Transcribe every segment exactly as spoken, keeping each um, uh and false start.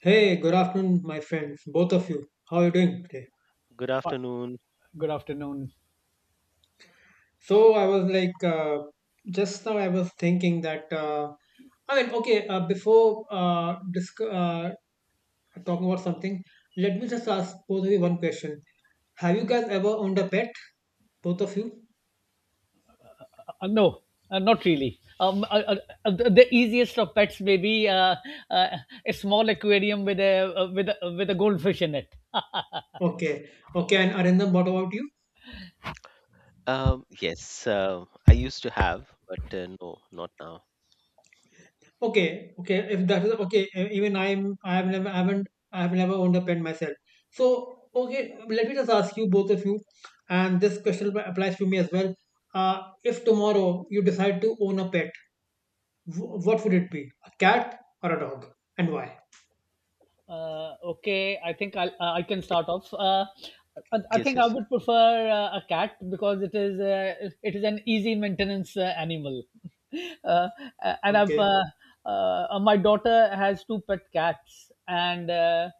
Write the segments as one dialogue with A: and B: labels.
A: Hey, good afternoon, my friends, both of you. How are you doing today?
B: Good
C: Fi-
B: afternoon.
C: Good afternoon.
A: So I was like, uh, just now I was thinking that uh, I mean, okay, uh, before uh, disc- uh, talking about something, let me just ask both of you one question. Have you guys ever owned a pet, both of you?
C: Uh, no, uh, not really. Um, uh, uh, uh, the the easiest of pets may be uh, uh, a small aquarium with a uh, with a, with a goldfish in it.
A: Okay, okay. And Arindam, what about you?
B: Um, yes, uh, I used to have, but uh, no, not now.
A: Okay, okay. If that is okay, e- even I'm I have never I haven't I have never owned a pen myself. So okay, let me just ask you both of you, and this question ap- applies to me as well. Uh, if tomorrow you decide to own a pet, wh- what would it be? A cat or a dog, and why?
C: Uh, okay, I think I'll, uh, I can
B: Okay.
C: start off. Uh, I, I
B: Yes,
C: think I
B: yes.
C: would prefer uh, a cat because it is uh, it is an easy maintenance uh, animal. Uh, and I've,
A: Okay,
C: uh, uh, my daughter has two pet cats, and uh,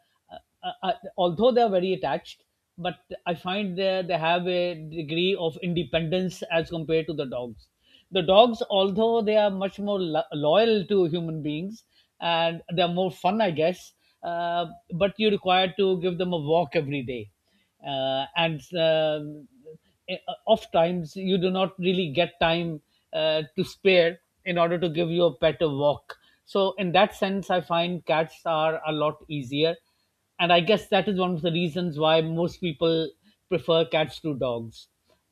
C: uh, uh, although they are very attached, but I find they they have a degree of independence as compared to the dogs. The dogs, although they are much more lo- loyal to human beings and they are more fun, I guess, uh, but you require to give them a walk every day, uh, and um, eh, oft times you do not really get time uh, to spare in order to give your pet a walk. So in that sense, I find cats are a lot easier and I guess that is one of the reasons why most people prefer cats to dogs.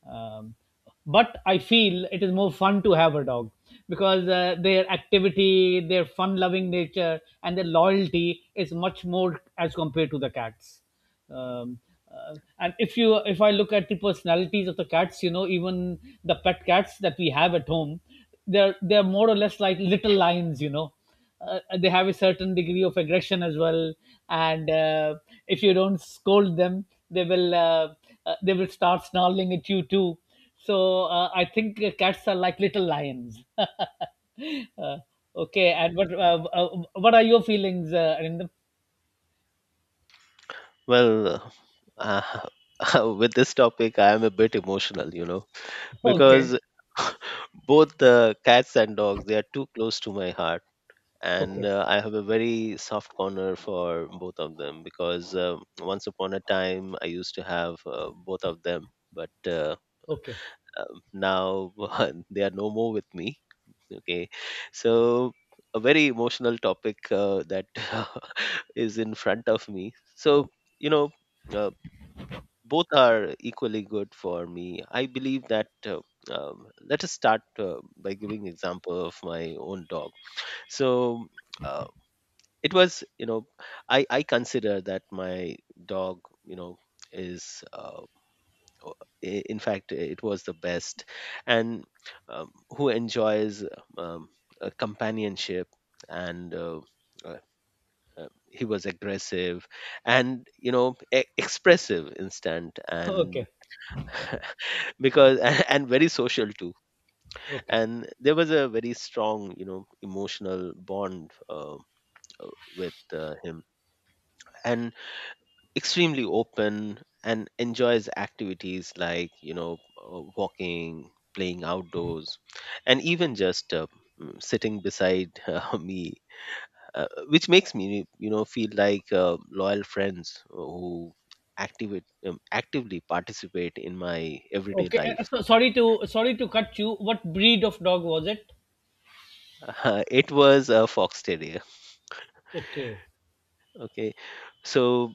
C: Um, but I feel it is more fun to have a dog because uh, their activity, their fun-loving nature, and their loyalty is much more as compared to the cats. Um, uh, and if you if I look at the personalities of the cats, you know, even the pet cats that we have at home, they're they're more or less like little lions, you know, uh, they have a certain degree of aggression as well and uh, if you don't scold them they will uh, uh, they will start snarling at you too, so uh, I think uh, cats are like little lions. Uh, okay, and what uh, uh, what are your feelings, uh, Arindam?
B: Well, uh, with this topic, I am a bit emotional, you know,
C: Okay.
A: okay,
B: because both the cats and dogs they are too close to my heart, and
C: Okay.
B: uh, I have a very soft corner for both of them because um once upon a time I used to have uh, both of them, but uh,
C: Okay.
B: um, now they are no more with me. Okay, so a very emotional topic uh, that is in front of me. So,
C: Okay.
B: you know, uh, both are equally good for me. I believe that. Uh, um, let us start uh, by giving example of my own dog. So uh, it was, you know, I I consider that my dog, you know, is. Uh, o- i- in fact it was the best and um, who enjoys um, a companionship and uh, uh, uh, he was aggressive and you know e- expressive instant and
C: Okay.
B: because and very social too.
C: Okay.
B: And there was a very strong you know emotional bond uh, uh, with uh, him, and extremely open and enjoys activities like you know uh, walking, playing outdoors, and even just uh, mm, sitting beside uh, me, uh, which makes me you know feel like uh, loyal friends who activate um, actively participate in my everyday
C: Okay. Uh,
B: life.
C: so, sorry to sorry to cut you, what breed of dog was it?
B: It was a fox terrier.
C: Okay.
B: Okay, so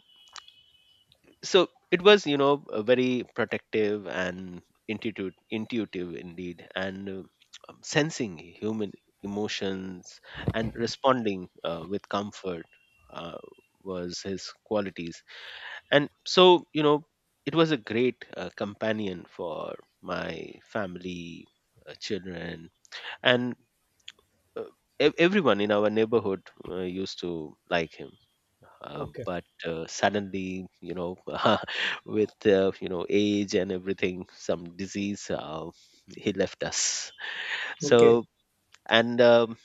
B: so it was you know a very protective and intuitive intuitive indeed, and uh, um, sensing human emotions and responding uh, with comfort uh, was his qualities. And so you know it was a great uh, companion for my family, uh, children, and uh, ev- everyone in our neighborhood uh, used to like him, uh,
C: Okay.
B: but uh, suddenly you know with uh, you know age and everything some disease uh, he left us.
A: okay,
B: So, and um,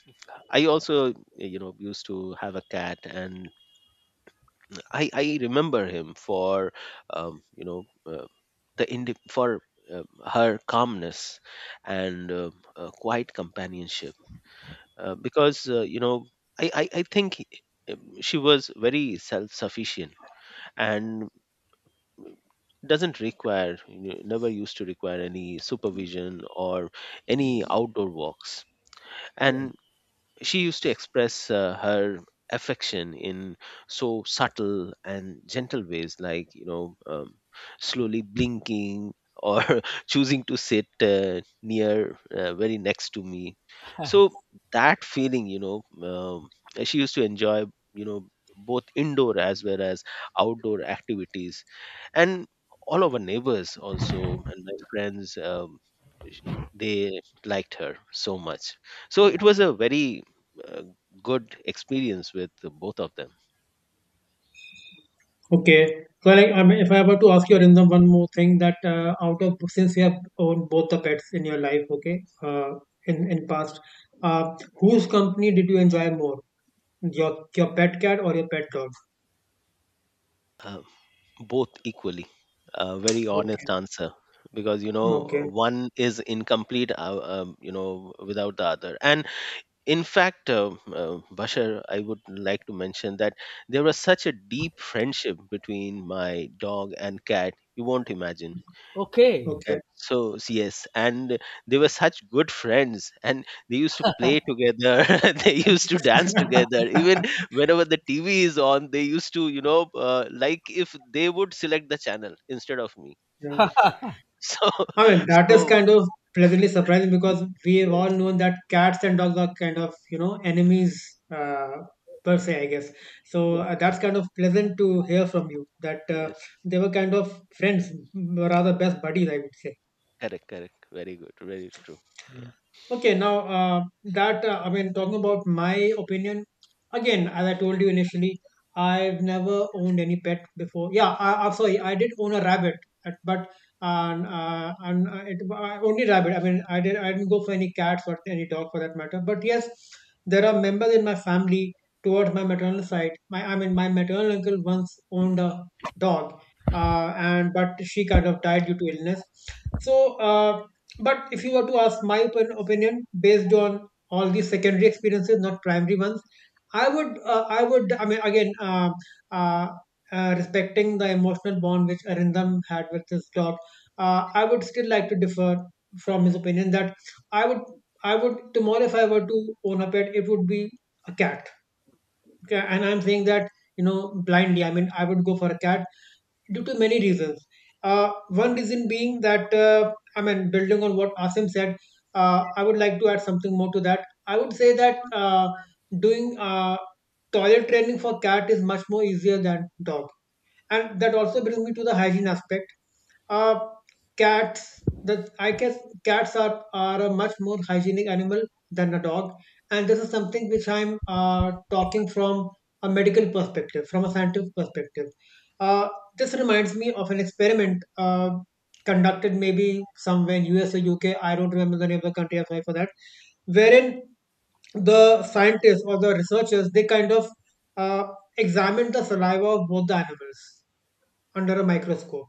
B: I also you know used to have a cat, and i i remember him for um, you know uh, the indi- for uh, her calmness and uh, uh, quiet companionship, uh, because uh, you know I, I, I think he- she was very self-sufficient and doesn't require, you know, never used to require any supervision or any outdoor walks.
C: Yeah.
B: And she used to express uh, her affection in so subtle and gentle ways, like, you know, um, slowly blinking or choosing to sit uh, near, uh, very next to me. So that feeling, you know, um, she used to enjoy, you know, both indoor as well as outdoor activities, and all our neighbors also and my friends um, sh- they liked her so much. So it was a very uh, good experience with both of them.
A: okay. So like, I mean, if I were to ask you, Arindam, one more thing that uh, out of, since you have owned both the pets in your life, okay, uh, in in past, uh, whose company did you enjoy more? Your your pet cat or your pet dog?
B: uh, Both equally, a very honest
A: Okay.
B: answer, because you know
A: Okay.
B: one is incomplete, uh, um, you know without the other. And in fact uh, uh, bashar, I would like to mention that there was such a deep friendship between my dog and cat, you won't imagine.
C: Okay.
B: Uh,
A: Okay.
B: so yes, and they were such good friends, and they used to play together. They used to dance together. Even whenever the T V is on, they used to, you know, uh, like if they would select the channel instead of me.
A: Yeah.
B: So,
A: I mean, that is
B: so
A: kind of pleasantly surprising because we have all
B: yes,
A: known that cats and dogs are kind of, you know, enemies uh, per se, I guess. So uh, that's kind of pleasant to hear from you that uh,
B: yes,
A: they were kind of friends, rather best buddies, I would say.
B: correct, correct, very good, very true. Yeah.
A: Okay, now uh, that uh, I mean, talking about my opinion again, as I told you initially, I've never owned any pet before. Yeah, I, I'm sorry, I did own a rabbit, uh, but um, uh, and uh, it uh, only rabbit. I mean, I did I didn't go for any cats or any dog for that matter. But yes, there are members in my family towards my maternal side. My I mean, my maternal uncle once owned a dog, uh, and but she kind of died due to illness. So. Uh, but if you were to ask my opin- opinion based on all these secondary experiences, not primary ones, I would, uh, I would, I mean, again, uh, uh, uh, respecting the emotional bond which Arindam had with his dog, uh, I would still like to differ from his opinion that I would, I would tomorrow, if I were to own a pet, it would be a cat. Okay, and I'm saying that you know blindly. I mean, I would go for a cat due to many reasons. Uh, one reason being that, uh, I mean, building on what Asim said, uh, I would like to add something more to that. I would say that uh, doing uh, toilet training for cat is much more easier than dog, and that also brings me to the hygiene aspect. Uh, cats the i guess cats are are a much more hygienic animal than a dog, and this is something which i'm uh, talking from a medical perspective, from a scientific perspective. uh, this reminds me of an experiment uh, conducted maybe somewhere in US or UK. I don't remember the name of the country, I'm sorry for that, wherein the scientists or the researchers, they kind of uh, examined the saliva of both the animals under a microscope,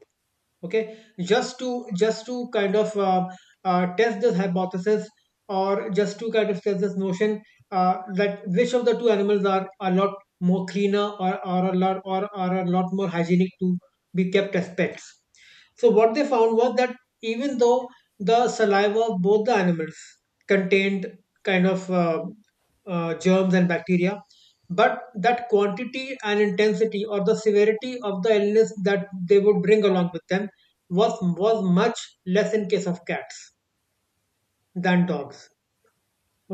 A: okay, just to, just to kind of uh, uh, test this hypothesis, or just to kind of test this notion uh, that which of the two animals are a lot more cleaner, or, or a lot, or are a lot more hygienic to be kept as pets. So what they found was that even though the saliva of both the animals contained kind of uh, uh, germs and bacteria, but that quantity and intensity, or the severity of the illness that they would bring along with them, was was much less in case of cats than dogs.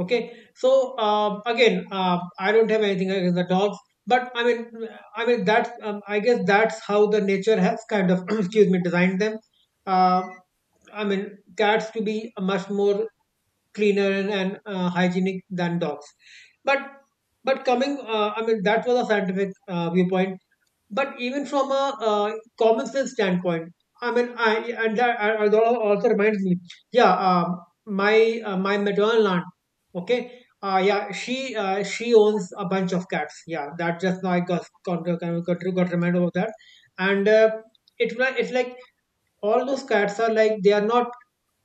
A: Okay, so um, again, uh, I don't have anything against the dogs, but I mean, I mean that's um, I guess that's how the nature has kind of excuse me designed them. Uh, I mean, cats to be much more cleaner and, and uh, hygienic than dogs. But but coming, uh, I mean, that was a scientific uh, viewpoint. But even from a uh, common sense standpoint, I mean, I and that I- I- that also reminds me. Yeah, um, my uh, my maternal aunt. Okay. Uh, yeah, she uh, she owns a bunch of cats. Yeah, that just now I got got, got, got reminded of that, and uh, it wa- it's like all those cats are like they are not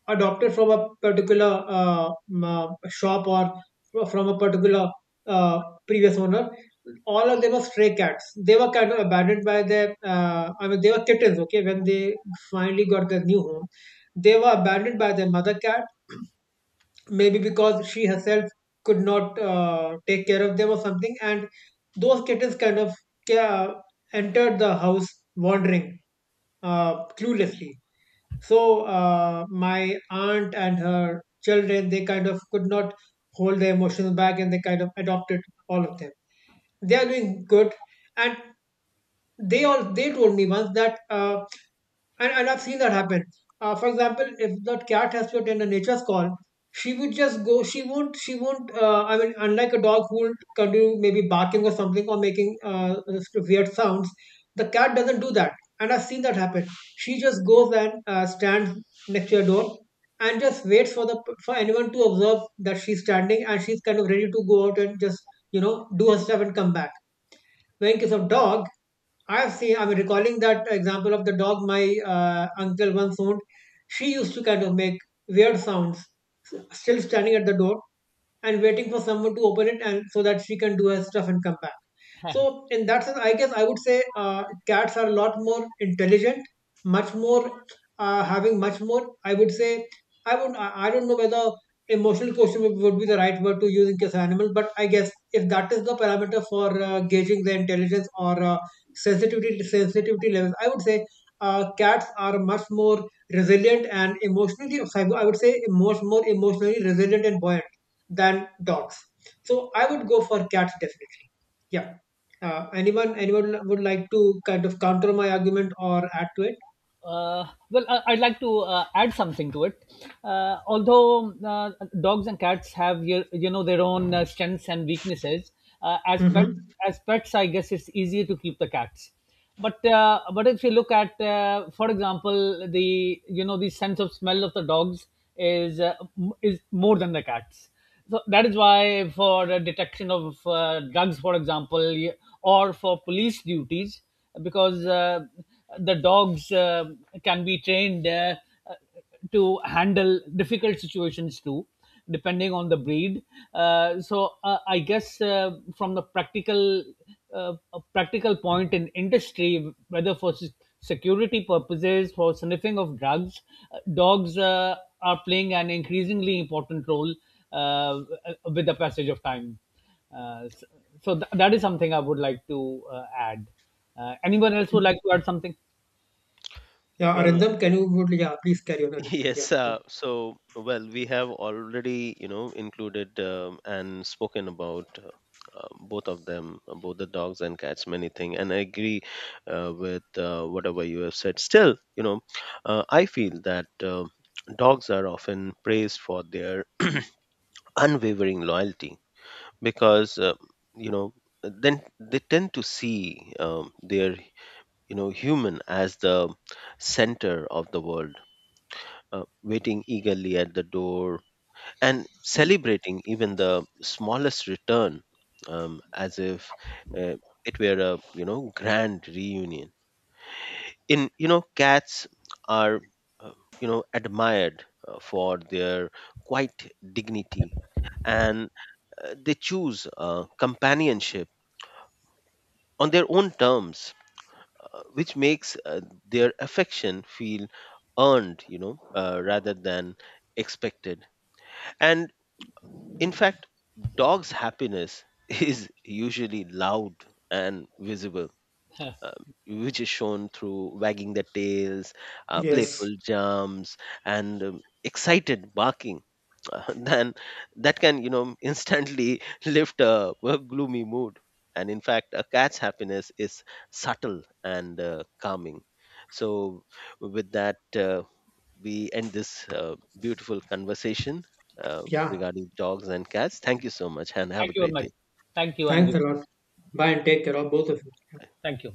A: adopted from a particular uh, m- uh, shop, or fro- from a particular uh, previous owner. All of them were stray cats. They were kind of abandoned by their, uh, I mean, they were kittens, okay, when they finally got their new home. They were abandoned by their mother cat, maybe because she herself could not uh, take care of them or something. And those kittens kind of ca- entered the house wandering, uh, cluelessly. So uh, my aunt and her children, they kind of could not hold their emotions back, and they kind of adopted all of them. They are doing good, and they all they told me once that uh, and, and I've seen that happen. Uh, for example, if that cat has to attend a nature's call, she would just go. She won't. She won't. Uh, I mean, unlike a dog who will continue maybe barking or something, or making uh, weird sounds, the cat doesn't do that. And I've seen that happen. She just goes and uh, stands next to your door and just waits for the for anyone to observe that she's standing and she's kind of ready to go out and just, you know, do her stuff and come back. But in case of dog, I have seen, I'm recalling that example of the dog my uh, uncle once owned. She used to kind of make weird sounds, s- still standing at the door and waiting for someone to open it, and so that she can do her stuff and come back.
C: Yeah.
A: So in that sense, I guess I would say uh, cats are a lot more intelligent, much more uh, having much more. I would say I would I I don't know whether emotional quotient would, would be the right word to use in case of animal, but I guess if that is the parameter for uh, gauging the intelligence or uh, sensitivity sensitivity levels, I would say uh, cats are much more resilient and emotionally. I would say much more emotionally resilient and buoyant than dogs. So I would go for cats definitely. Yeah. Uh, anyone anyone would like to kind of counter my argument or add to it?
C: Uh, well, I I'd like to uh, add something to it. Uh, although uh, dogs and cats have your, you know, their own uh, strengths and weaknesses, uh, as pets,
A: Mm-hmm.
C: as pets, I guess it's easier to keep the cats. But uh, but if you look at, uh, for example, the, you know, the sense of smell of the dogs is uh, m- is more than the cats, so that is why for the detection of uh, drugs, for example, y- or for police duties, because uh, the dogs uh, can be trained uh, uh, to handle difficult situations too, depending on the breed. Uh, so uh, I guess uh, from the practical uh, a practical point in industry, whether for se- security purposes, for sniffing of drugs, uh, dogs uh, are playing an increasingly important role uh, with the passage of time. Uh, s- so th- that is something I would like to uh, add. Uh, anyone else would like to add something?
A: Yeah,
B: Well,
A: Arindam, can you, would, yeah, please carry on, Arindam. Yeah.
B: yes,
A: Mm.
B: uh, so well, we have already, you know, included um, and spoken about uh, uh, both of them, uh, both the dogs and cats, many things, and I agree uh, with uh, whatever you have said. Still, you know, uh, I feel that uh, dogs are often praised for their unwavering loyalty, because uh, you know then they tend to see um, their you know human as the center of the world, uh, waiting eagerly at the door and celebrating even the smallest return, um, as if uh, it were a you know grand reunion. In you know Cats are uh, you know admired uh, for their quiet dignity, and uh, they choose uh, companionship on their own terms, uh, which makes uh, their affection feel earned, you know uh, rather than expected. And in fact, dogs' happiness is usually loud and visible, uh, which is shown through wagging their tails, uh,
A: Yes.
B: playful jumps, and um, excited barking. Uh, then that can, you know, instantly lift a, a gloomy mood. And in fact, a cat's happiness is subtle and uh, calming. So, with that, uh, we end this uh, beautiful conversation uh,
A: Yeah.
B: regarding dogs and cats. Thank you so much and have a
C: Thank you very
B: great day.
C: much. Thank you, and
A: Thanks
C: you.
A: a lot. Bye, and take care of both of you.
C: Thank you.